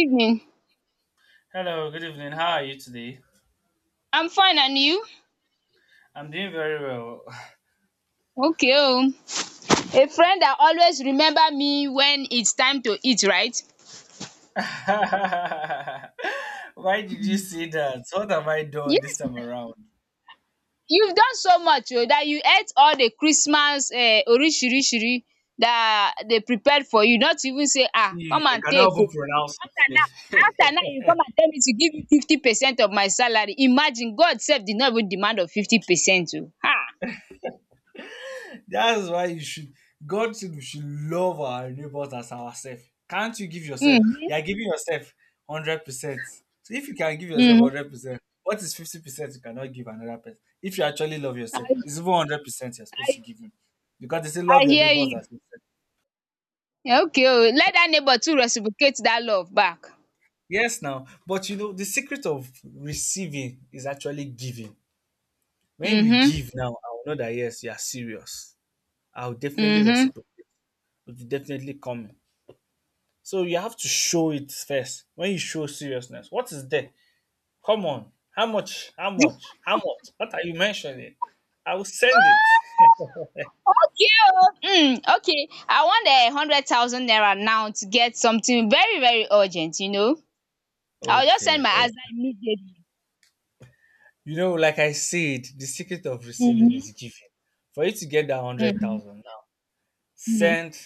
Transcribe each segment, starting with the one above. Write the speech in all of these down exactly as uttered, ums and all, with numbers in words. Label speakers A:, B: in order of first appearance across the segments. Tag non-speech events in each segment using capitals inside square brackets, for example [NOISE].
A: Evening.
B: Hello, good evening. How are you today?
A: I'm fine, and you?
B: I'm doing very well.
A: Okay, oh. A friend that always remember me when it's time to eat, right?
B: [LAUGHS] Why did you say that? What have I done this
A: Yes
B: time
A: now.
B: around?
A: You've done so much oh that you ate all the Christmas um orishirishiri that they prepared for you, not even say ah,
B: See,
A: come
B: you
A: and
B: cannot
A: take
B: even
A: oh'.
B: pronounce
A: After now
B: it. [LAUGHS]
A: after now you come and tell me to give you fifty percent of my salary. Imagine God sef did not even demand of fifty percent oh. um.
B: That's why you should. God said we should love our neighbors as ourselves. Can't you give yourself?
A: Mhm.
B: You are giving yourself hundred percent. So if you can give yourself
A: Mhm.
B: hundred percent, what is fifty percent you cannot give another person? If you actually love
A: I
B: yourself, it's even hundred percent you're supposed to
A: I
B: give him, because they say
A: I
B: love your
A: hear
B: neighbors
A: you.
B: as yourself.
A: Okay o, let that neighbour too reciprocate that love back.
B: Yes, now, but you know, the secret of receiving is actually giving. When you
A: Mhm,
B: give now, I will know that yes, you are serious. I will definitely
A: mhm.
B: reciprocate. It will definitely come. So you have to show it first. When you show seriousness, what is there? Come on, how much? How much? How much? What are you mentioning? I will send it. [LAUGHS]
A: Oh, okay o, um okay I want um hundred thousand naira now to get something very very urgent you know. I will just send
B: Okay,
A: my husband
B: okay.
A: immediately.
B: You know, like I said, the secret of receiving is
A: Mhm,
B: giving. For you to get that hundred
A: mhm,
B: thousand now,
A: mhm.
B: send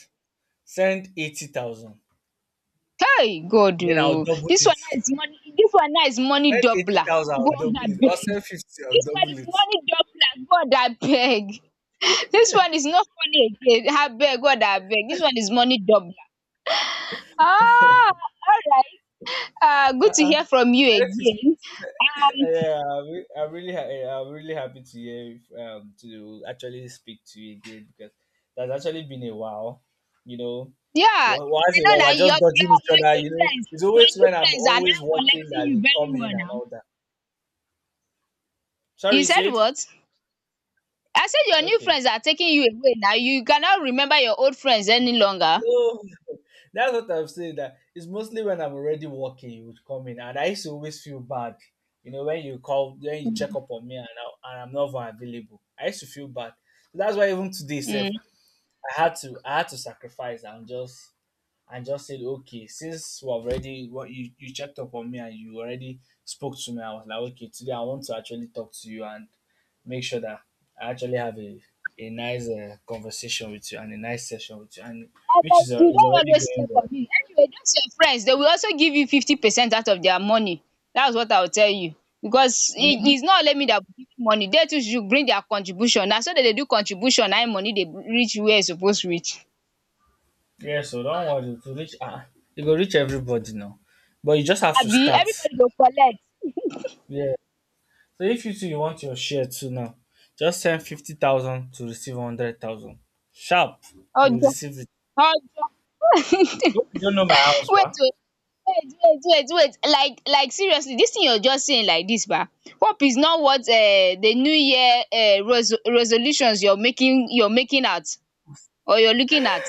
B: send eighty thousand.
A: Kai God
B: Then
A: o,
B: I'll double
A: dis
B: it.
A: one now is money dis one now is money
B: Said
A: doubler.
B: eighty thousand, I'll
A: God
B: double it. Or
A: abeg,
B: said fifty, I'll
A: dis one
B: double
A: is
B: it.
A: money doubler. God abeg. [LAUGHS] Dis one is no funny again abeg. God abeg, dis one is money doubler. Ah, all right. Uh, good to
B: Uh-uh.
A: hear from you
B: Said
A: again. Um,
B: yeah, I'm re- I'm really, ha- eh, I'm really happy to hear um to actually speak to you again because that's actually been a while. You know,
A: yeah, I
B: Wa- once in a
A: know
B: while we're
A: that
B: just
A: your
B: dodging
A: your
B: each
A: your
B: other.
A: new
B: You know,
A: friends,
B: it's
A: your
B: always
A: new
B: when I'm
A: friends are
B: always
A: now
B: working
A: collecting
B: that
A: you
B: you
A: very
B: come in
A: well
B: and
A: now.
B: all that. Sorry,
A: You
B: you
A: said
B: said
A: what? I said your new
B: okay.
A: friends are taking you away now. You cannot remember your old friends any longer.
B: No, [LAUGHS] that's what I'm saying. That it's mostly when I'm already working, you would come in, and I used to always feel bad. You know, when you call, when you check up on me, and I, and I'm not even available, I used to feel bad. So that's why even today, Seth,
A: Mm.
B: I had to, I had to sacrifice and just, and just said, okay, since we already, what you you checked up on me and you already spoke to me, I was like, okay, today I want to actually talk to you, and make sure that I actually have a, a nice uh, conversation with you and a nice session with you, and which
A: Abeg,
B: is, uh,
A: you
B: is
A: don
B: already
A: always stay
B: going
A: for
B: well.
A: me anyway. Those your friends they will also give you fifty percent out of their money. That's what I will tell you, because it
B: Hmm.
A: is not only me that will give you money. They too should bring their contribution na, so that they do contribution na im money dey reach where e suppose reach.
B: Yeah, so don't worry to reach. Ah, you go reach everybody now, but you just have to
A: Abi
B: start.
A: everybody go collect?
B: Yeah. So if you too you want your share too now, just send fifty thousand to receive hundred thousand. Sharp, you will
A: Ojo,
B: receive it.
A: ojo. [LAUGHS]
B: Hope you don't know my house,
A: Wait
B: man.
A: oh, wait wait wait wait, like like seriously this thing you are just saying like this, ba, hope is not what um the new year um resolutions you're making you're making out, or you're looking at.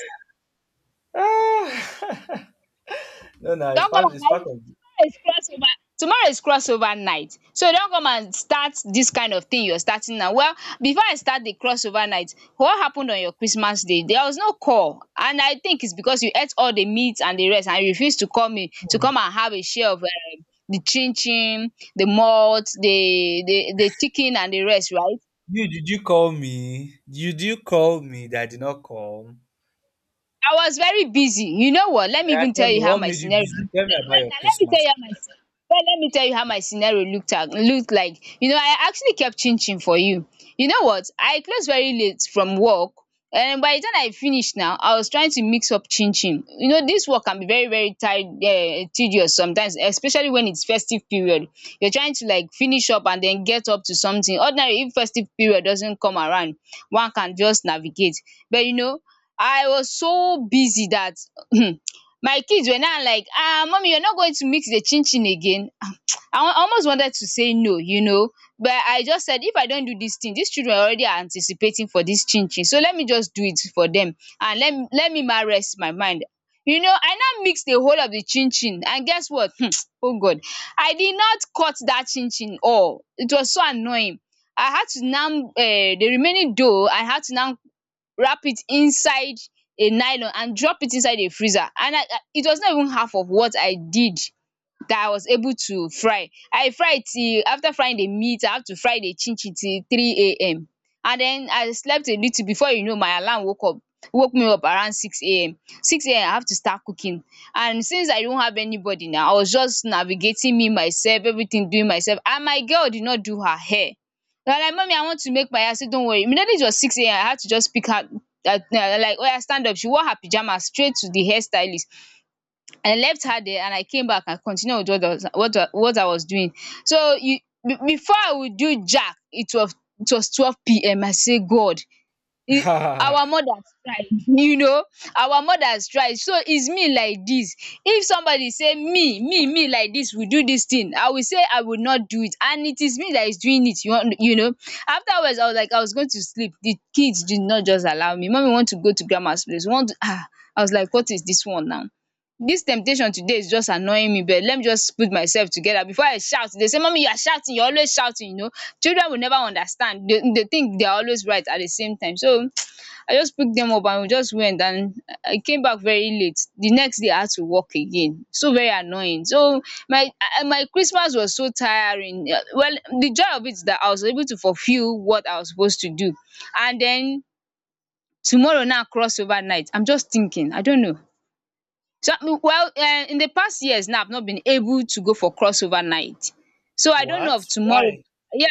B: Ah, no, no, it's
A: Don't come
B: part.
A: and
B: It's
A: carry.
B: part of.
A: tomorrow is crossover tomorrow is crossover night, so don't come and start this kind of thing you're starting now. Well, before I start the crossover night, what happened on your Christmas Day? There was no call, and I think it's because you ate all the meat and the rest, and you refused to call me to
B: Hmm.
A: come and have a share of um, the chin chin, the malt, the the the chicken and the rest, right?
B: You did you call me? You do you call me that I did not call?
A: I was very busy. You know what? Let me
B: Yeah,
A: even
B: tell
A: tell
B: me
A: you how
B: what
A: my
B: made you
A: scenario.
B: busy. Tell me about
A: Wait
B: your
A: now, let me tell
B: Christmas.
A: you how my sce- well, let me tell you how my scenario looked at looked like. You know, I actually kept chin chin for you. You know what? I closed very late from work. And by the time I finished now, I was trying to mix up chin chin. You know, this work can be very, very tired, uh, tedious sometimes, especially when it's festive period. You're trying to like finish up and then get up to something. Ordinary, if festive period doesn't come around, one can just navigate. But you know, I was so busy that [CLEARS THROAT] my kids were now like, "Ah, mommy, you're not going to mix the chin chin again?" [TSK] um I wa- almost wanted to say no, you know, but I just said if I don't do this thing, these children already are anticipating for this chin chin, so let me just do it for them, and let me let me ma rest my mind. You know, I now mix the whole of the chin chin, and guess what? [TSK] Oh God, I did not cut that chin chin all. It was so annoying. I had to now, um the remaining dough, I had to now wrap it inside a nylon and drop it inside a freezer, and I I- it was not even half of what I did that I was able to fry. I fry till, after frying the meat, I had to fry the chin chin till three a m, and then I slept a little before, you know, my alarm woke up woke me up around six a m. six a m I have to start cooking, and since I don't have anybody now, I was just navigating, me myself everything, doing myself, and my girl did not do her hair. I was like, mommy, I want to make my hair. I say don't worry, immediately it was six a m I had to just pick her, um like oya stand up, she wore her pyjamas straight to the hairstylist. I left her there and I came back and continued with what I was what I what I was doing. So you be before I would do jack, it was it was twelve p m. I say God e, our
B: [LAUGHS]
A: mothers tried. [LAUGHS] You know, our mothers tried, so it's me like this. If somebody say me me me like this, we do this thing, I will say I will not do it, and it is me that is doing it you want, you know. Afterwards I was like I was going to sleep, the kids did not just allow me. Mommy want to go to grandma's place, want to, ah. I was like, what is this one now? This temptation today is just annoying me, but let me just put myself together before I shout, dey mommy, you are shouting, you are always shouting, you know. Children will never understand. They dey think they are always right at the same time, so [TSK] I just picked them up and we just went, and I came back very late. The next day I had to work again, so very annoying. So my I- my Christmas was so tiring. Uh, well, the joy of it is that I was able to fulfill what I was supposed to do, and then tomorrow now cross over night. I'm just thinking, I don't know. So, well, um in the past years now, I've not been able to go for crossover night. So I don't know of
B: What?
A: tomorrow.
B: Why?
A: Yeah.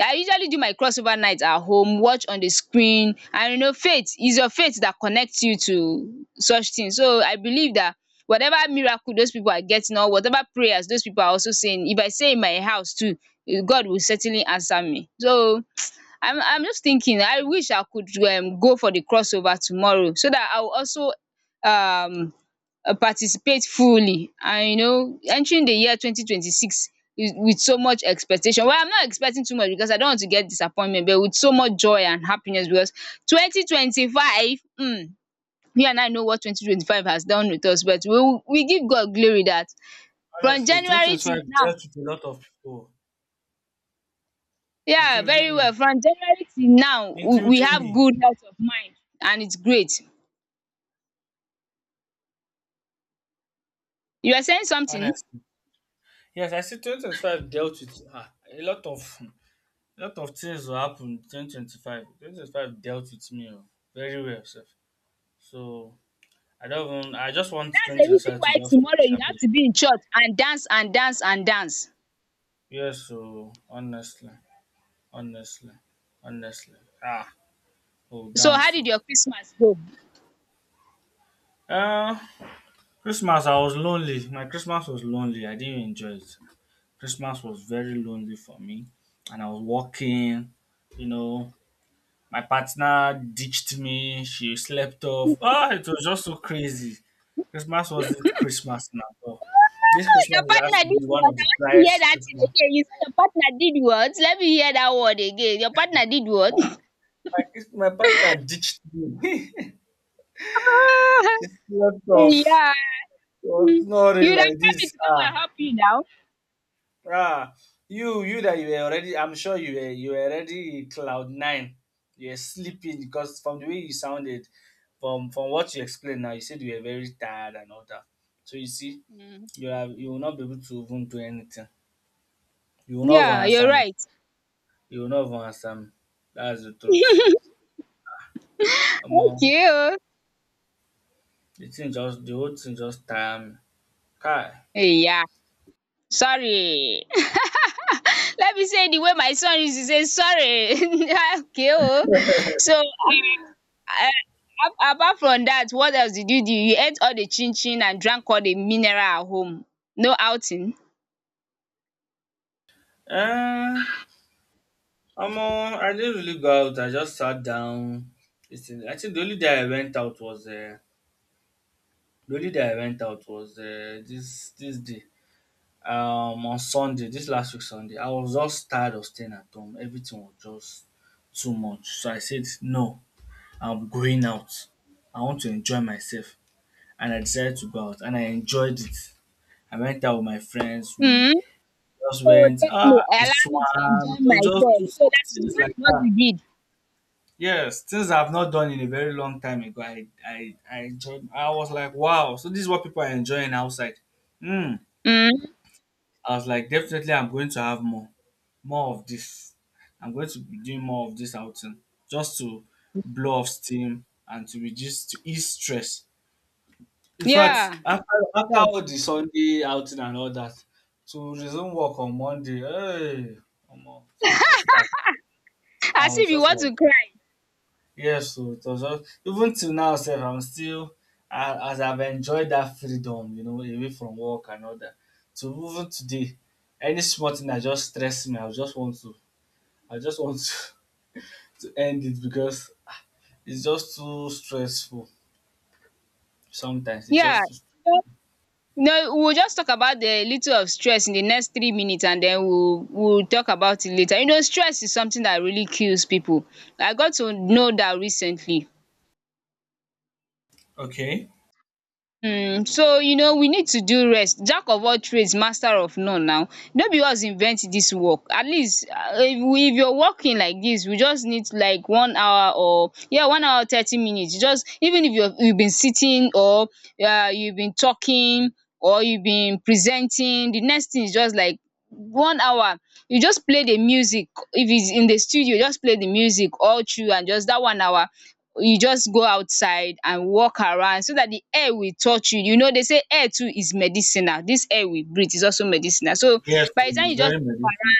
A: I usually do my crossover night at home, watch on the screen, and, you know, faith, it's your faith that connects you to such things. So I believe that whatever miracle those people are getting, or whatever prayers those people are also saying, if I say in my house too, eh, God will certainly answer me. So I'm I'm just thinking, I wish I could um go for the crossover tomorrow so that I will also um uh, participate fully, and, you know, entering the year twenty twenty six with with so much expectation. Well, I'm not expecting too much because I don't want to get disappointment, but with so much joy and happiness, because twenty twenty five, um you and I know what twenty twenty five has done with us, but we we give God glory that from
B: Honestly,
A: January till
B: twenty twenty-five
A: now.
B: dealt with a lot of people,
A: Yeah, very
B: including me.
A: well. From January till now, we we
B: Including
A: have
B: me,
A: good health of mind, and it's great. You were saying something? That's
B: honestly. Yes, I see twenty twenty-five dealt with ah, a lot of a lot of things will happen in twenty twenty-five. twenty twenty-five dealt with me oh, very well, sir. So I don't even, I just want
A: the reason
B: twenty twenty-five to
A: why
B: just
A: tomorrow
B: finish
A: you
B: a
A: have
B: bit.
A: to be in church and dance and dance and dance.
B: Yes, so honestly, honestly, honestly. Ah, oh,
A: So
B: down
A: how did
B: so.
A: your Christmas go? Oh,
B: Uh, Christmas, I was lonely. My Christmas was lonely. I didn't enjoy it. Christmas was very lonely for me. And I was walking, you know, my partner ditched me. She slept off. Ah, it was just so crazy. Christmas wasn't Christmas now. All. This
A: your
B: Christmas is asked
A: partner
B: to be
A: did
B: one
A: what?
B: of the
A: I want to hear
B: driest
A: that thing
B: Christmas.
A: again. You say your partner did what? Let me hear that word again. Your partner did what?
B: My,
A: [LAUGHS]
B: my, Chris- my partner ditched me. [LAUGHS] She
A: Ah,
B: slept off.
A: yeah.
B: It was
A: Hmm.
B: snoring
A: You would have
B: like
A: told me
B: this.
A: to come
B: Ah,
A: and help you now.
B: ah, you you that you were already. I'm sure you were you were already cloud nine. You were sleeping because from the way you sounded, from from what you explained now, you said you were very tired and all that. So you see,
A: Hmm.
B: you are you will not be able to even do anything. You will not even
A: Yeah, you're
B: answer me.
A: right.
B: You will not even answer me. That's the truth. Omo,
A: Okay oh.
B: the thing just the whole thing just tire me. Kai.
A: Yeah. Sorry. Let me say the way my son used to say sorry. [LAUGHS] Okay, oh. So uh, uh, apart from that, what else did you do? You ate all the chin chin and drank all the mineral at home. No outing.
B: Eh, omo, I didn't really go out. I just sat down. This I think the only day I went out was uh, the only day I went out was uh, this this day um on Sunday, this last week Sunday. I was just tired of staying at home. Everything was just too much. So I said, no, I'm going out. I want to enjoy myself, and I decided to go out, and I enjoyed it. I went out with my friends. We
A: Mm.
B: just
A: So
B: went.
A: thank me,
B: Ah, I
A: allow me to
B: swam.
A: enjoy
B: You know, just do
A: myself. So
B: some
A: that's
B: things
A: that's
B: like
A: what
B: that.
A: we did.
B: Yes, things I've not done in a very long time ago. I I I enjoyed. I was like, wow. So this is what people are enjoying outside. Hmm.
A: Mm.
B: I was like, definitely, I'm going to have more, more of this. I'm going to be doing more of this outing just to blow off steam and to reduce, to ease stress. In fact,
A: Yeah.
B: after, after all the Sunday outing and all that, to resume work on Monday, hey, come on, so we'll start. I
A: As
B: was
A: if you
B: just
A: want
B: like,
A: to cry.
B: yes, so it was just even till now sef I'm still a as I've enjoyed that freedom, you know, away from work and all that. To even today any small thing dat just stress me I just want to I just want to [LAUGHS] to end it because ah it's just too stressful sometimes it's
A: Yeah.
B: just too
A: No, we'll just talk about the little of stress in the next three minutes, and then we'll we'll talk about it later. You know, stress is something that really kills people. I got to know that recently.
B: okay.
A: Hmm. So you know we need to do rest. Jack of all trades, master of none. Now, no be us invent dis work. At least um if we, if you're working like this, we just need like one hour or, yeah, one hour thirty minutes. Just even if you have you have been sitting, or um you have been talking, or you have been presenting, the next thing is just like one hour. You just play the music. If it's in the studio, just play the music all through, and just that one hour you just go outside and walk around so that the air will touch you. You know, they say air too is medicinal. This air we breathe is also medicinal. So
B: Yes oh,
A: by the time
B: it's
A: you just
B: very
A: walk
B: medicine.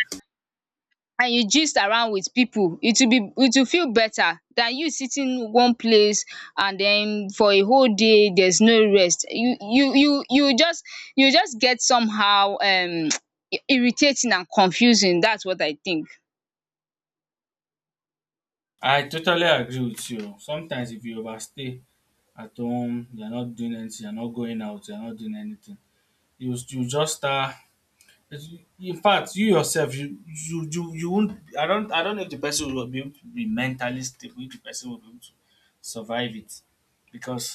A: around and you gist around with people, it will be, it will feel better than you sitting one place and then for a whole day there's no rest. You you you you just, you just get somehow, um [TSK] irritating and confusing. That's what I think.
B: I totally agree with you oh. Sometimes if you overstay at home, you are not doing anything, you are not going out, you are not doing anything, you you just start it's- In fact, you yourself, you you you you won't. I don't. I don't know if the person will be able to be mentally stable. If the person will be able to survive it, because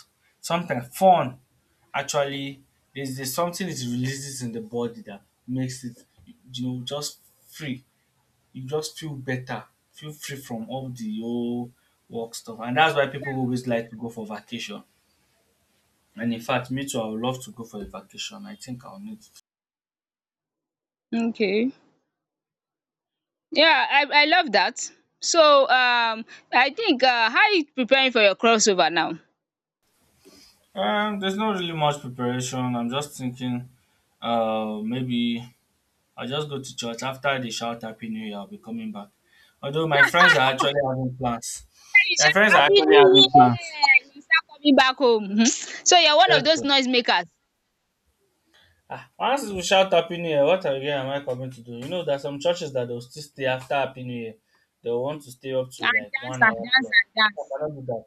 B: sometimes fun actually there's, there's something it releases in the body that makes it you know just free. You just feel better, feel free from all the old work stuff, and that's why people always like to go for vacation. And in fact, me too. I would love to go for a vacation. I think I'll need
A: Okay. Yeah, I I love that. So, um, I think, uh, how are you preparing for your crossover now? Hey,
B: Um, there's not really much preparation. I'm just thinking, uh, maybe I'll just go to church after they shout Happy New Year. I'll be coming back. Although my friends are actually having plans.
A: you
B: My
A: shout
B: friends are
A: Happy
B: actually
A: New
B: having plans.
A: Year! You start coming back home. Mhm. So you're one
B: Yes,
A: of those
B: sir.
A: noise makers
B: Ah, once we shout Happy New Year, what again am I coming to do? You know, there are some churches that they'll still stay after Happy New Year. They'll want to stay up to
A: and
B: like
A: dance
B: one
A: and
B: hour
A: dance
B: plus.
A: and
B: I
A: dance.
B: cannot do that.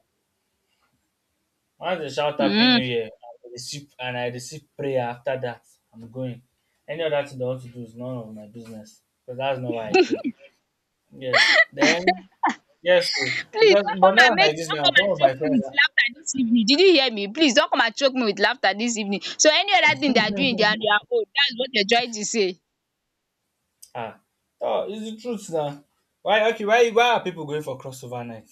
B: Once they shout happy new
A: Mm.
B: year, and I receive and I receive prayer after that. I'm going. Any other thing they want to do is none of my business. Because that's not why I came. Yes. Then yes, so
A: Please
B: because
A: don't come
B: but
A: and
B: now
A: make,
B: like this
A: don't
B: now,
A: come and
B: some of
A: choke
B: my
A: me
B: friends
A: with
B: are
A: laughter this evening. Did you hear me? Please don't come and choke me with laughter this evening. So any other thing they are doing, they are on their own. That's what they're trying to say.
B: ah oh it's the truth now. Why okay, why why are people going for crossover night?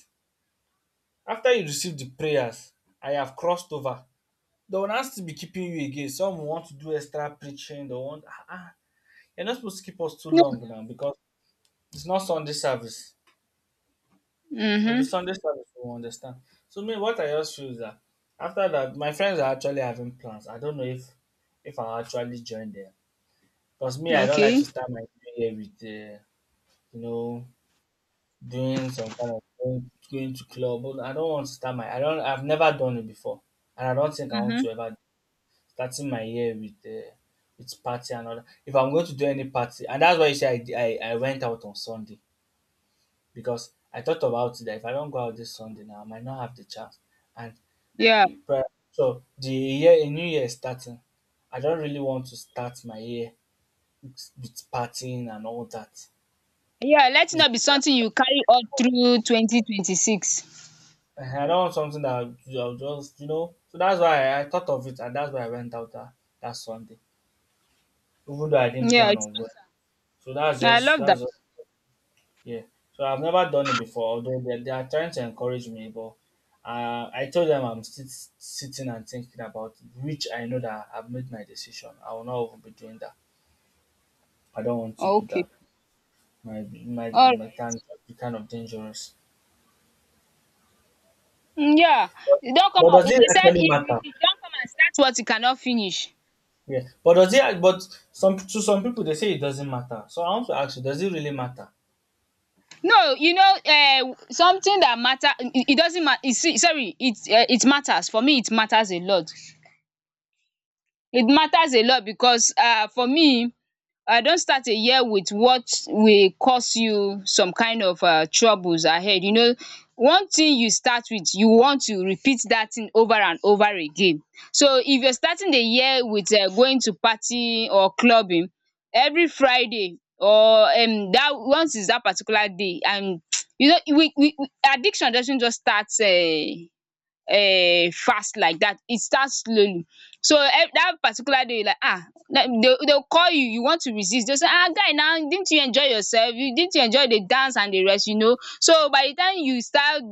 B: After you receive the prayers, I have crossed over. They will not still be keeping you again. Some will want to do extra preaching, they want ah, ah. You're not supposed to keep us too long now because it's not Sunday service. If it's
A: Mhm.
B: Sunday service, we understand. So me, what I just feel is that after that, my friends are actually having plans. I don't know if if I'll actually join them because me, I don't like to
A: Okay.
B: start my new year with uh, you know doing some kind of going, going to club. But I don't want to start my. I don't. I've never done it before, and I don't think I want
A: Mhm.
B: to ever starting my year with. Uh, with party and all that. If I'm going to do any party, and that's why you say I, di- I, I went out on Sunday because I thought about it that if I don't go out this Sunday now, I might not have the chance. And
A: Yeah.
B: e- so the year, a new year is starting. I don't really want to start my year with with partying and all that.
A: Yeah, letting
B: It's
A: up is something
B: better
A: you carry all through twenty twenty-six.
B: I I don't want something that I'll I'll just, you know. So that's why I, I thought of it, and that's why I went out that, that Sunday, even though I didn't
A: Yeah,
B: plan
A: it's,
B: on going. So that's
A: I
B: just,
A: love that.
B: that's just, yeah. So I've never done it before, although they, they are trying to encourage me, but uh, I told them I'm still s- sitting and thinking about it, which I know that I've made my decision. I will not even be doing that. I don't want to
A: Oh,
B: do
A: okay.
B: that. My my
A: All right.
B: my kind be kind of dangerous.
A: Mm, yeah.
B: But,
A: You don't come
B: but
A: out,
B: does it
A: they said
B: actually
A: if
B: matter?
A: if you don't come and start what you cannot finish.
B: Yeah. But does it? But some to some people they say it doesn't matter. So I want to ask you, does it really matter?
A: No, you know um something that matter, it it doesn't ma e, see, sorry, it, um it matters. For me, it matters a lot. It matters a lot because, um for me, I don start a year with what will cause you some kind of um troubles ahead, you know. One thing you start with, you want to repeat that thing over and over again. So if you're starting the year with, um going to party or clubbing every Friday or, um that once is that particular day, and um you know, we we addiction doesn't just start, um um fast like that. It starts slowly. So, um that particular day you like, um they they will call you, you want to resist, they will say, um guy now, didn't you enjoy yourself? You Didn't you enjoy the dance and the rest? You know, so by the time you start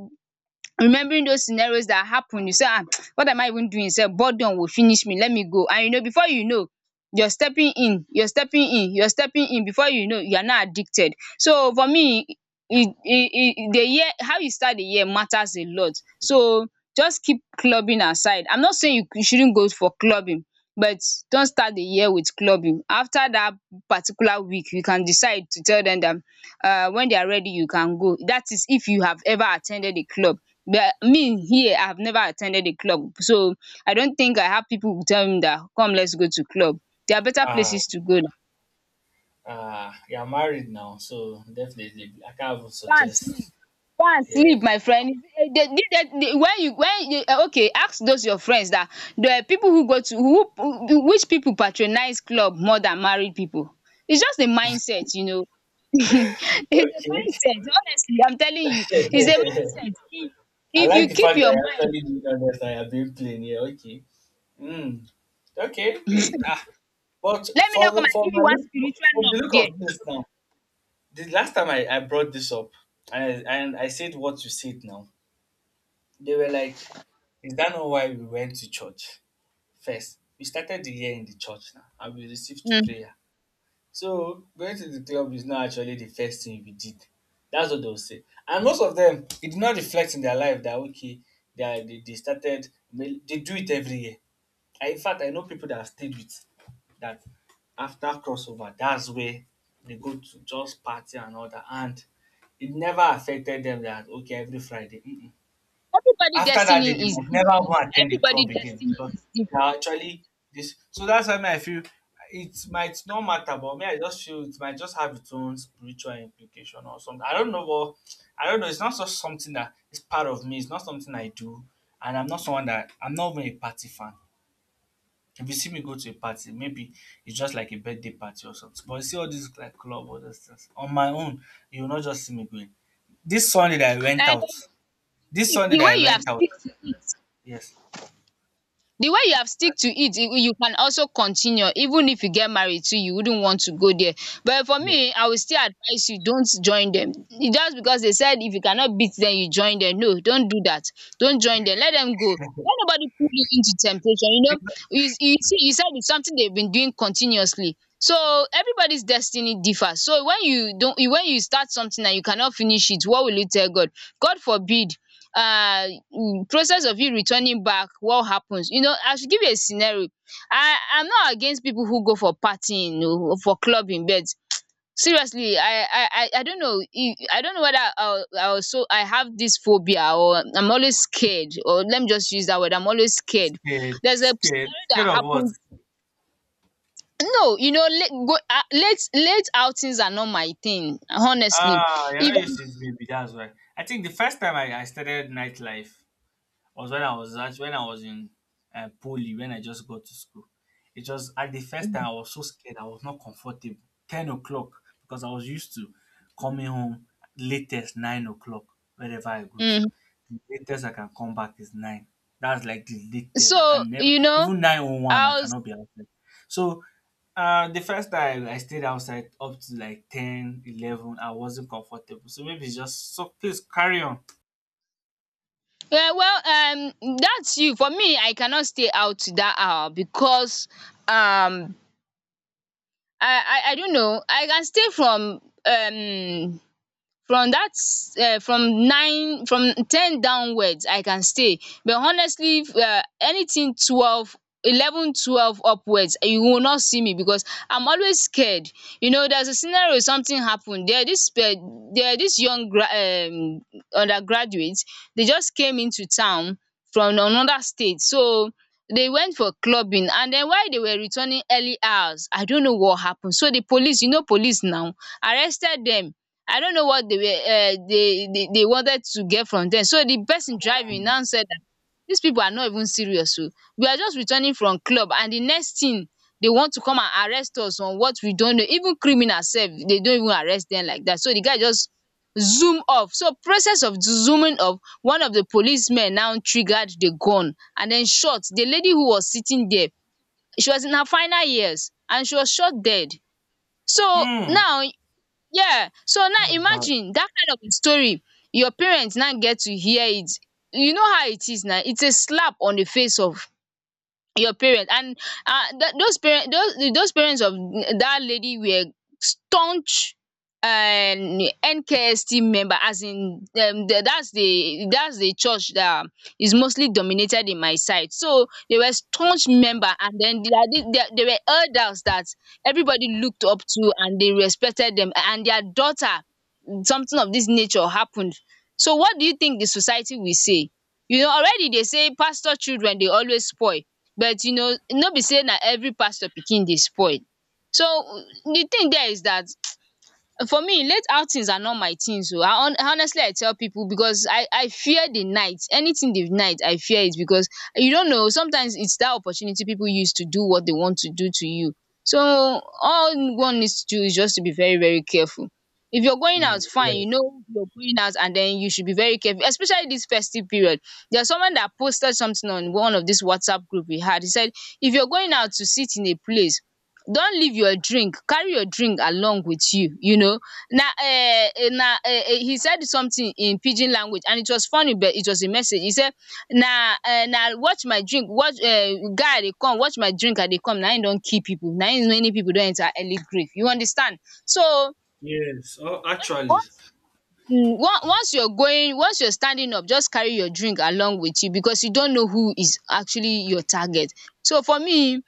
A: remembering those scenarios that happened, you say, ah, [TSK] what am I even doing sef? Boredom will finish me. Let me go. And you know, before you know, you're stepping in, you're stepping in, you're stepping in. Before you know, you are now addicted. So for me, it, it, it, the year, how you start the year matters a lot. So just keep clubbing aside. I'm not saying you, you shouldn't go for clubbing, but don't start the year with clubbing. After that particular week, you can decide to tell them that, um when they are ready, you can go. That is, if you have ever attended a club. But me, here, I have never attended a club, so I don't think I have people who tell me that, come, let's go to club. There are better
B: Ah,
A: places to go now.
B: ah, you're married now, so definitely I can't even
A: Go and
B: suggest.
A: sleep, go and sleep,
B: Yeah.
A: my friend. Eh, they- they- they- they- when you, when you eh, okay, ask those your friends that the people who go to, who who- which people patronize club more than married people. It's just a mindset, you know. [LAUGHS] It's a
B: Okay. [LAUGHS]
A: mindset. Honestly, I'm telling you, it's a mindset. If,
B: I
A: if
B: like
A: you
B: the
A: keep
B: fact
A: your
B: that I
A: mind,
B: actually do not understand. I've been playing. Yeah. Okay. Mm. Okay. eh, Ah. But
A: let me not come
B: for
A: and
B: for
A: give you
B: my
A: one
B: look
A: spiritual
B: for the
A: knock
B: look
A: there.
B: of things now, the last time I, I brought this up and and I said what you said now, they were like, is that not why we went to church first? We started the year in the church now and we received
A: Mhm.
B: prayer. So going to the club is not actually the first thing we did. That's what they'll say. And most of them, it did not reflect in their life that, okay, they, are, they, they started, they do it every year. I In fact, I know people that I've stayed with that after crossover, that's where they go to just party and all that, and it never affected them that okay every Friday. Mm-mm.
A: Everybody
B: After that day they
A: destiny is
B: might never go
A: different.
B: attend the
A: Everybody
B: club again
A: destiny
B: because
A: is
B: they are
A: different.
B: actually this, so that's why me I feel it might not matter, but me I just feel it might just have its own spiritual implication or something. I don't know, but I don't know, it's not just something that is part of me, it's not something I do. And I'm not someone that I'm not even a party fan. If you see me go to a party, maybe it's just like a birthday party or something. But you see all these like club or those things. On my own, you will not just see me going. This Sunday that I went
A: And the
B: out. This
A: way
B: Sunday
A: the
B: that
A: way
B: I
A: you have
B: went out.
A: stick to it,
B: Yes.
A: the way you have stick to it, you you can also continue. Even if you get married too, you wouldn't want to go there. But for
B: Yeah.
A: me, I will still advise you, don't join them. It just because they said if you cannot beat them, you join them. No, don't do that. Don't join them, let them go. Let nobody pull you into temptation, you know. You, you see, you said it's something they've been doing continuously. So everybody's destiny differs. So when you don't, when you start something and you cannot finish it, what will you tell God? God forbid. uh, mm, Process of you returning back, what happens, you know? I should give you a scenario. I I'm not against people who go for partying oo, for clubbing, but seriously, I I I I don't know, I I don't know whether I I was, so I have this phobia, or I'm always scared, or let me just use that word, I'm always scared.
B: Scared.
A: There's a
B: Scared.
A: scenario
B: Scared
A: that
B: of what?
A: happened. No, you know, late go um late late outings are not my thing, honestly.
B: Ah, you're
A: If
B: not used to it, baby. That's why. I think the first time I, I started nightlife, was when I was actually when I was in uh, poly when I just got to school. It was at the first time
A: I'm
B: I was so scared. I was not comfortable. Ten o'clock, because I was used to coming home latest nine o'clock wherever I go to.
A: um
B: The latest I can come back is nine. That's like the latest. I
A: so
B: can never
A: you know
B: even nine o one. I
A: I was.
B: cannot be outside. So uh, the first time I stayed outside up to like ten eleven, I wasn't comfortable. So maybe it's just, so please carry on.
A: Yeah, well, um, that's you. For me, I cannot stay out to that hour because, um I I I don't know. I can stay from, um from that, um from nine, from ten downwards, I can stay. But honestly, um anything twelve, eleven twelve upwards, you will not see me because I'm always scared. You know, there's a scenario, something happened. There this um there this young gra um undergraduates, they just came into town from another state. So they went for clubbing, and then while they were returning early hours, I don't know what happened. So the police, you know, police now arrested them. I don't know what they were, um they they they wanted to get from them. So the person driving now said that these people are not even serious oh. We are just returning from club, and the next thing, they want to come and arrest us on what we don't know. Even criminals sef, they don't even arrest them like that. So the guy just zoom off. So process of zooming off, one of the policemen now triggered the gun and then shot the lady who was sitting there. She was in her final years, and she was shot dead. So
B: Hmm.
A: now. Yeah. So now
B: That's bad.
A: imagine that kind of a story, your parents now get to hear it. You know how it is now. It's a slap on the face of your parents. And uh, th- those parents, those, those parents of that lady were staunch, um, N K S T member, as in, um, the, that's the, that's the church that is mostly dominated in my side. So they were staunch member, and then they, are the- they, they were elders that everybody looked up to, and they respected them. And their daughter, something of this nature happened. So what do you think the society will say? You know, already they say pastor children dey always spoil, but you know, no be sey na every pastor pikin dey spoil. So the thing there is that, for me, late outings are not my things. So, I hon- honestly, I tell people, because I I fear the night. Anything the night, I fear it, because you don't know, sometimes it's that opportunity people use to do what they want to do to you. So all one needs to do is just to be very, very careful. If you're going
B: Mm,
A: out fine, you
B: yes,
A: know you're going out, and then you should be very careful, especially this festive period. There's someone that posted something on one of this WhatsApp group we had. He said, if you're going out to sit in a place, don't leave your drink, carry your drink along with you, you know. Na um na um He said something in pidgin language, and it was funny, but it was a message. He said, na um na watch my drink, watch um guy, I dey come, watch my drink, I dey come, na im don kill people. Na im many pipu don enter early grave, you understand. So
B: yes. Oh, actually,
A: one um once you're going, once you're standing up, just carry your drink along with you, because you don't know who is actually your target. So for me, um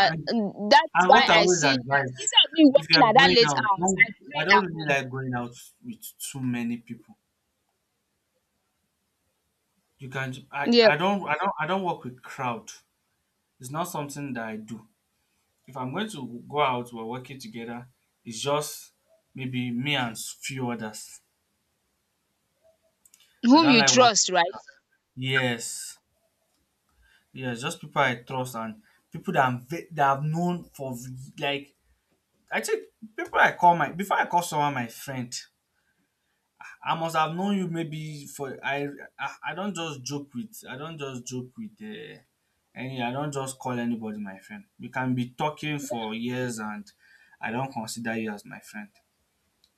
B: And
A: that's
B: and
A: why
B: what I
A: I
B: always
A: see that
B: advise,
A: instead of me
B: if you
A: working
B: are
A: at that
B: going
A: late
B: out,
A: hours,
B: don't,
A: I
B: I
A: pray
B: don't
A: at
B: really
A: home.
B: like going out with too many people. You can ju- I,
A: Yeah.
B: I don't I don't I don't work with crowd. It's not something that I do. If I'm going to go out, we're working together. It's just maybe me and s- few others. I
A: Whom
B: don't
A: you
B: like working
A: trust,
B: with
A: right.
B: crowd. Yes, yes, just people I trust and people that I'm ve- that I've known for v- like I think people I call my before I call someone my friend, I must have known you maybe for I I, I don't just joke with I don't just joke with uh, any I don't just call anybody my friend. We can be talking for years and I don't consider you as my friend.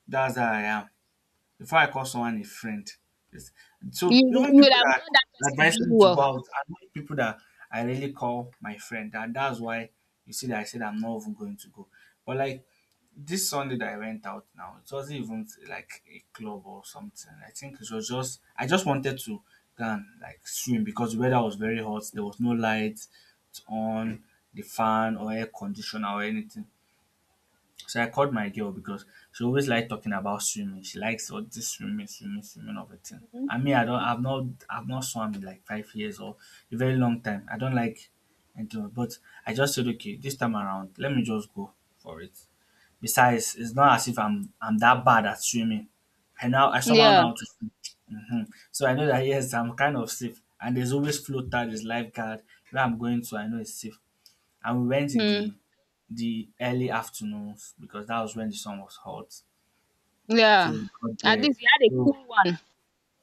B: That's how I am. Before I call someone a friend, it's-
A: you
B: so even
A: you would
B: people
A: have
B: that
A: known that person
B: advise
A: very
B: me to go
A: well.
B: out, I know people that I really call my friend, and that's why you see that I said I'm not even going to go. But like this Sunday that I went out now, it wasn't even like a club or something. I think it was just I just wanted to go and like swim because the weather was very hot. There was no light on the fan or air conditioner or anything. So I called my girl because she always liked talking about swimming. She likes all this swimming, swimming, swimming of a thing.
A: um
B: I mean, I don't, I've not, I've not swam in like five years or a very long time. I don't like, and but I just said, okay, this time around, let me just go for it. Besides, it's not as if I'm I'm that bad at swimming. I Now I somehow
A: yeah.
B: know how to swim. hmm So I know that yes, I'm kind of safe. And there's always floater, there's lifeguard. Where I'm going to, I know it's safe. And we went in
A: um
B: the the early afternoons because that was when the sun was hot.
A: yeah,
B: So we got
A: at
B: there.
A: least you had a
B: So
A: cool one.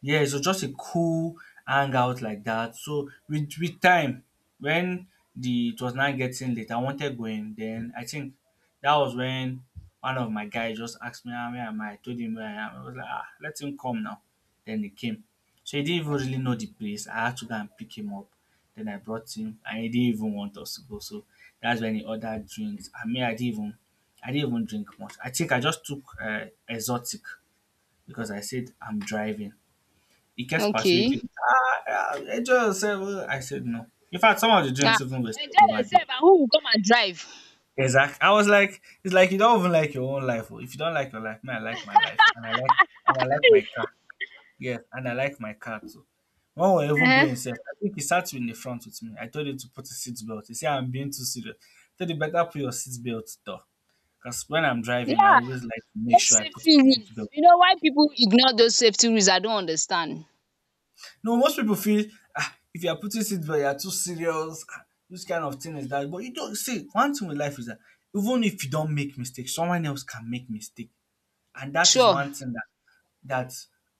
B: yeah, it was just a cool hangout like that. So with with time, when the it was now getting late, I wanted going. Then I think that was when one of my guys just asked me, "Ah, where am I?" I told him where I am. I was like, ah, let him come now. Then he came. So he didn't even really know the place. I had to go and pick him up. Then I brought him and he didn't even want us to go. So that's when he ordered drinks. I mean I didn't even I didn't even drink much. I think I just took uh, exotic because I said I'm driving. He kept persuading
A: Okay.
B: me, ah, ah, just said, well, I said no. In fact, some of the
A: um
B: drinks even wasted
A: Enjoy
B: over there.
A: yourself, and who will come and drive?
B: Exactly. I was like, it's like you don't even like your own life. Oh. If you don't like your life, me, I like my life, and I like and I like my car. Yes, and I like my car too. When we were even going
A: um
B: inside, I think he sat in the front with me. I told him to put his seat belt. He said, I'm being too serious. I told you better put your seat belt, though. Because when I'm driving, I
A: yeah.
B: always like to make
A: Those
B: sure I put
A: safety
B: my seat
A: rules,
B: belt.
A: you know why people ignore those safety rules, I don't understand.
B: No, most people feel ah, if you are putting it seatbelt, you are too serious. Ah, which kind of thing is that? But you don't see, one thing with life is that even if you don't make mistakes, someone else can make mistake, and that is
A: Sure.
B: one thing that, that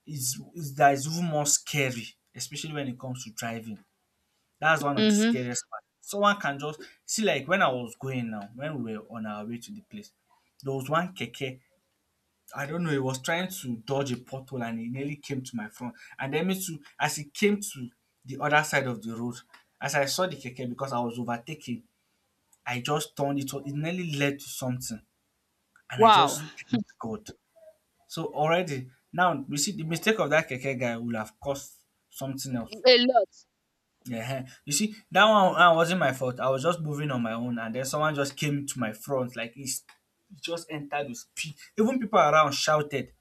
B: is, is that is even more scary, especially when it comes to driving. That's one of the
A: Mhm.
B: scariest part. Someone can just see, like when I was going now, when we were on our way to the place, there was one keke, I don't know, he was trying to dodge a pothole and he nearly came to my front. And then me too, as he came to the other side of the road, as I saw the keke because I was overtaking, I just turned it off. It nearly led to something. And I
A: Wow.
B: just thanked God. So already, now you see the mistake of that keke guy will have caused something else.
A: A lot.
B: Yeah. You see, that one uh, wasn't my fault. I was just moving on my own and then someone just came to my front like he's he just entered with speed. Even people around shouted.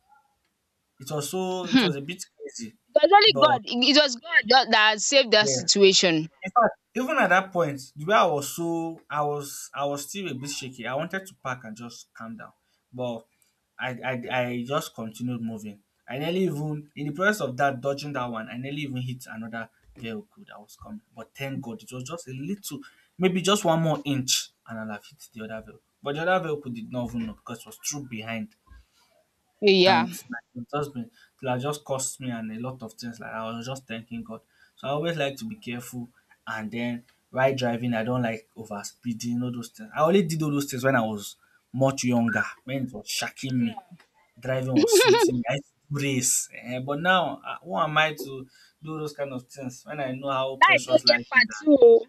B: It was so it
A: Hmm.
B: was a bit crazy.
A: It was only
B: But
A: God, it it was God that that saved that
B: yeah.
A: situation.
B: In fact, even at that point, the way I was so I was I was still a bit shaky. I wanted to park and just calm down. But I I, I just continued moving. I nearly even In the process of that dodging that one, I nearly even hit another vehicle that was coming. But thank God it was just a little, maybe just one more inch and I'll have hit the other vehicle. But the other vehicle did not even know because it was through behind.
A: Yeah.
B: And like, it just been it has just cost me and a lot of things. Like I was just thanking God. So I always like to be careful. And then while driving, I don't like over speeding, all those things. I only did all those things when I was much younger, when it was shocking me. Driving was sweeting me. I used to race. Eh, but now, uh, who am I to do those kind of things when I know how
A: Life no
B: precious
A: get
B: life is?
A: part two oo.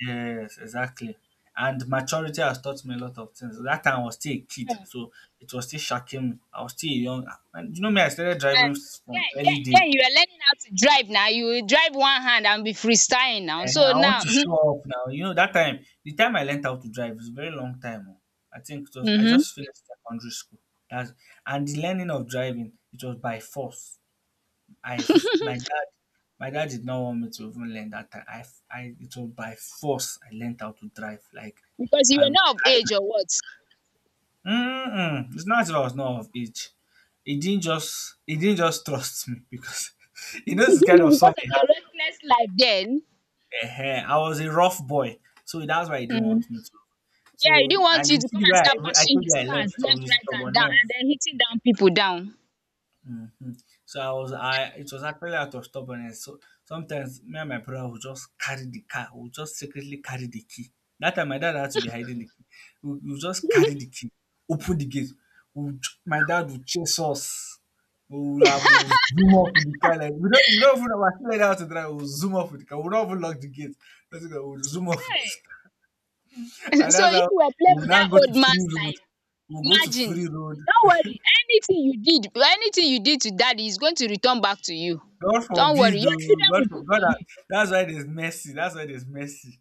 B: Yes, exactly. And maturity has taught me a lot of things. That time I was still a kid, so it was still shocking me. I was still young. And you know me, I started
A: um
B: driving from
A: then
B: early
A: den
B: days.
A: den you are learning how to drive. Now you will drive one hand and be freestyling now.
B: And
A: So
B: I want
A: now,
B: to
A: um
B: show off now. You know, that time, the time I learned how to drive is a very long time. Oh. I think it was I
A: mhm.
B: just finished secondary school. That's And the learning of driving, it was by force. I f- my dad my dad did not want me to even learn that time. I, f- I It was by force I learned how to drive. Like
A: Because you
B: I
A: were
B: would
A: not of
B: carry.
A: age, or what?
B: Mm-mm. It's not if I was not of age. He didn't just he didn't just trust me because [LAUGHS] he
A: [LAUGHS]
B: knows the kind of son
A: Because
B: he
A: of your
B: has.
A: reckless life then.
B: Ehen, I was a rough boy, so that's why he didn't
A: Mhm.
B: want me to.
A: Yeah, he
B: So
A: didn't want
B: and
A: you
B: you
A: to
B: see
A: come
B: the
A: and
B: way
A: start
B: I, I
A: bashing
B: told you
A: his
B: I
A: cars
B: left, so it was
A: left,
B: with
A: right, and down, and
B: stubbornness.
A: then hitting down people down.
B: Hmm. So I was, I it was actually out of stubbornness. So sometimes me and my brother would just carry the car. We would just secretly carry the key. That time my dad had to be hiding the key. We we would just carry the key, open the gate. We would, my dad would chase us. We would have we would zoom off with the car, like we don't we don't even we're still learning how to drive. We would zoom off with the car. We would not even lock the gate. That's it, we would zoom off with this
A: Okay.
B: car.
A: [LAUGHS]
B: And
A: So
B: that's how
A: if you were
B: we
A: playing
B: would
A: with
B: now
A: that
B: go to
A: old
B: free
A: man's
B: road.
A: life,
B: We'll go to
A: imagine.
B: free road.
A: Don't worry. Anything you did, anything you did to daddy is going to return back to you.
B: God
A: Don't worry.
B: forbid, oh.
A: Your children
B: God
A: will
B: for
A: do
B: God.
A: for
B: ha-
A: you.
B: That's why there's mercy. That's why there's mercy.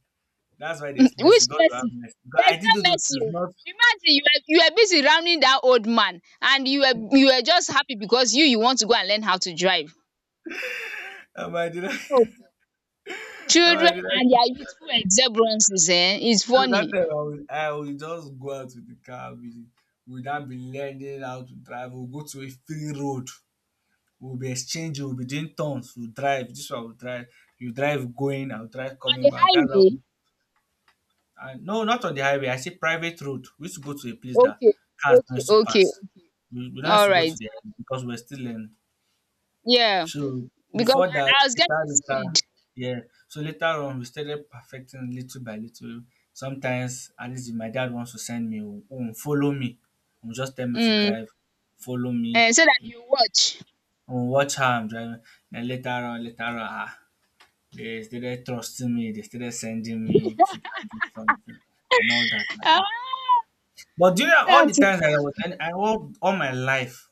B: That's why
A: [LAUGHS]
B: there's
A: Which
B: mercy. God will have
A: mercy?
B: mercy. God, I
A: There's
B: did all
A: no
B: those
A: mercy
B: things,
A: oh.
B: not.
A: Imagine you were, you were busy rounding that old man, and you were you were just happy because you you want to go and learn how to drive.
B: Um, I did. [LAUGHS]
A: Oh.
B: um, I
A: Children
B: did.
A: and their youthful exuberances, eh? It's
B: So that
A: funny.
B: time I will, I will just go out with the car. We will not be learning how to drive. We'll go to a free road. We'll be exchanging. We'll be doing turns. We'll drive. This one will drive. You drive going. I'll drive
A: On
B: coming
A: the
B: back. That's how.
A: highway?
B: Uh, no, not on the highway. I say private road. We used to go to a place that
A: Okay,
B: cars don't
A: okay,
B: used to
A: okay.
B: pass. We, we don't used
A: All
B: to go to
A: right.
B: the highway because we're still learning.
A: Yeah,
B: So
A: because
B: before that,
A: I, I was getting
B: later, later,
A: scared.
B: yeah. So later on, we started perfecting little by little. Sometimes, at least if my dad wants to send me home, follow me. He'll just tell me to
A: Mm.
B: drive, follow me.
A: And so that
B: You
A: you watch.
B: watch how I'm driving. Then later on, later on, ah, they started trusting me. They started sending me to go and get something and all that like
A: Ah,
B: that. But during all
A: that
B: the
A: is.
B: times that I was and I all, all my life,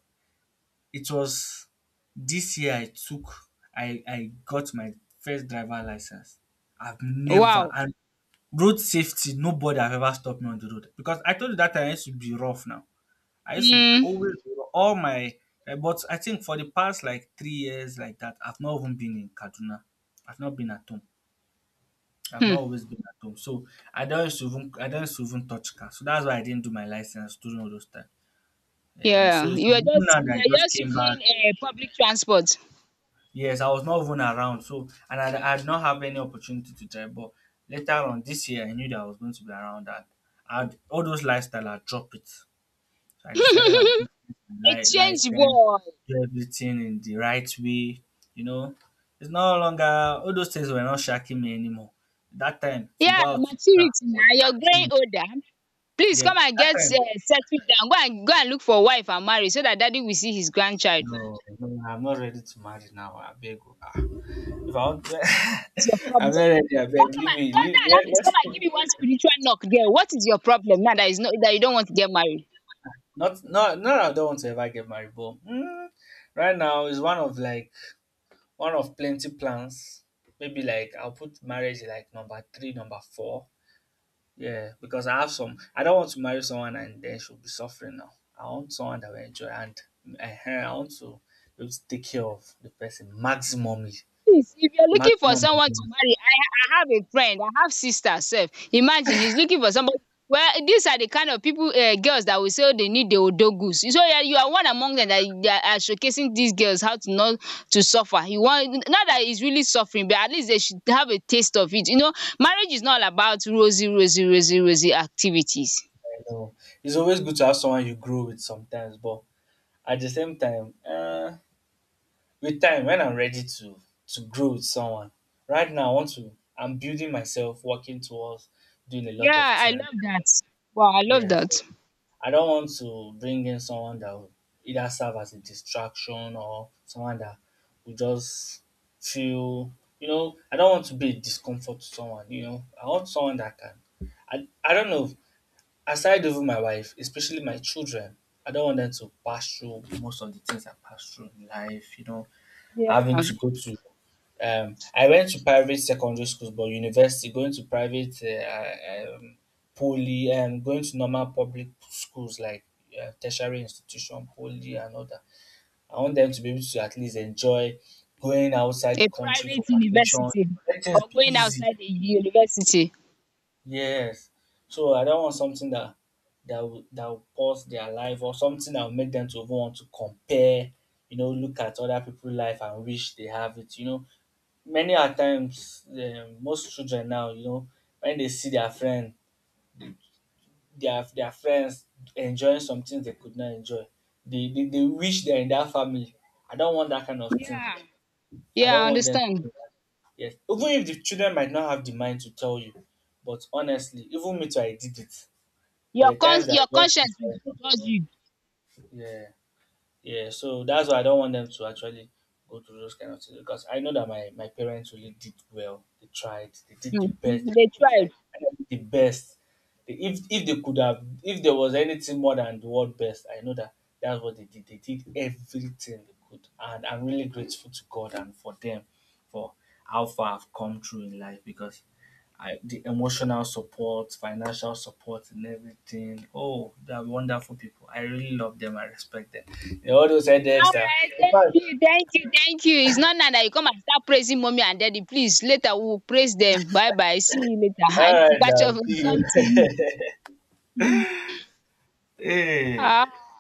B: it was this year I took I I got my first driver license. I've never
A: Wow.
B: and Road safety, nobody have ever stopped me on the road, because I told you that time I used to be rough now. I used to
A: Mm.
B: always be rough. All my eh, but I think for the past like three years like that, I've not even been in Kaduna. I've not been at home. I've
A: Hmm.
B: not always been at home. So I don't used to even I don't used to even touch car. So that's why I didn't do my license during all those times. Ehen,
A: Yeah,
B: so it's
A: you are
B: even
A: just,
B: now
A: you
B: that I
A: are
B: just
A: just
B: came back.
A: using, uh, public transport.
B: Yes, I was not even around. So, and I, I did not have any opportunity to drive. But later on this year, I knew that I was going to be around that. I'd, all those lifestyle, I drop it. So I
A: [LAUGHS]
B: decided I'm
A: A
B: going to get my li-
A: change
B: license,
A: boy.
B: do everything in the right way. You know, it's no longer, all those things were not shacking me anymore. That time, to
A: Yeah,
B: go out with car
A: maturity
B: was
A: now. You're
B: shacking
A: growing
B: me.
A: older. Please
B: Yeah,
A: come and
B: that
A: get, uh,
B: time,
A: settled down. Go and go and look for wife and marry so that daddy will see his grandchild.
B: no, no, I'm not ready to marry now. I beg you. Ah. Wrong. [LAUGHS]
A: It's your
B: I'm
A: problem.
B: not ready. I beg.
A: Don't come
B: Leave
A: and
B: me.
A: don't,
B: Leave.
A: don't
B: Let,
A: allow me to come
B: let's
A: and give you one spiritual knock, girl. What is your problem now, that is not that you don't want to get married?
B: not not not. I don't want to ever get married, but mm, right now is one of like one of plenty plans. Maybe like I'll put marriage like number three, number four. Yeah, because I have some. I don't want to marry someone and then she'll be suffering now. I want someone that will enjoy, and uh, I want to be able to take care of the person, maximum
A: Please, if you're looking for
B: maximum
A: someone to
B: enjoyment.
A: marry, I, ha- I have a friend, I have sister self. Imagine, he's looking for somebody. Well, these are the kind of people, uh, girls that will say, oh, they need the odogus. So yeah, you are one among them that, that are showcasing these girls how to not to suffer. You want, not that it's really suffering, but at least they should have a taste of it. You know, marriage is not all about rosy, rosy, rosy, rosy activities.
B: I know. It's always good to have someone you grow with sometimes, but at the same time, uh, with time, when I'm ready to to grow with someone. Right now I want to. I'm building myself, working towards doing a
A: Yeah,
B: lot of
A: I
B: things.
A: love that. Wow, I love
B: Yeah, so
A: that.
B: I don't want to bring in someone that will either serve as a distraction or someone that will just feel. You know, I don't want to be a discomfort to someone. You know, I want someone that can. I I don't know, aside even my wife, especially my children, I don't want them to pass through most of the things I passed through in life, you know, having
A: Yeah,
B: to go to um, I went to private secondary schools, but university, going to private, uh, um, poly, and going to normal public schools, like uh, tertiary institution, poly, and all that. I want them to be able to at least enjoy going outside the
A: a
B: country for
A: private
B: vacation.
A: university
B: Let things
A: or
B: be
A: going
B: easy.
A: outside the university.
B: Yes. So I don't want something that that will that will pause their life, or something that will make them to even want to compare, you know, look at other people's life and wish they have it. You know, many a times um, most children now, you know, when they see their friend, their their friends enjoying some things they could not enjoy, they they, they wish they're in that family. I don't want that kind of thing.
A: Yeah,
B: I
A: yeah,
B: don't
A: I
B: want them to
A: understand.
B: do that. Yes. Even if the children might not have the mind to tell you, but honestly, even me too, I did it.
A: Your
B: There are
A: con-
B: times that I
A: your
B: just wish
A: conscience
B: I was not.
A: will judge you.
B: Yeah, yeah. So that's why I don't want them to actually go through those kind of things, because I know that my, my parents really did well. They tried. They did the best they
A: Mhm. They
B: could.
A: tried.
B: Like I know they did the best. They, if if they could have, if there was anything more than the word best, I know that that's what they did. They did everything they could, and I'm really grateful to God and for them for how far I've come through in life, because I, the emotional support, financial support, and everything. Oh, they are wonderful people. I really love them. I respect them. You know, all those headaches
A: All
B: that.
A: right,
B: In
A: thank
B: fact,
A: you, thank you, thank you. It's not now that you come and start praising mommy and daddy. Please, later we'll praise them. Bye bye. See you later. I need
B: all
A: to
B: right,
A: catch up.
B: now, see you. [LAUGHS] hey.
A: [LAUGHS]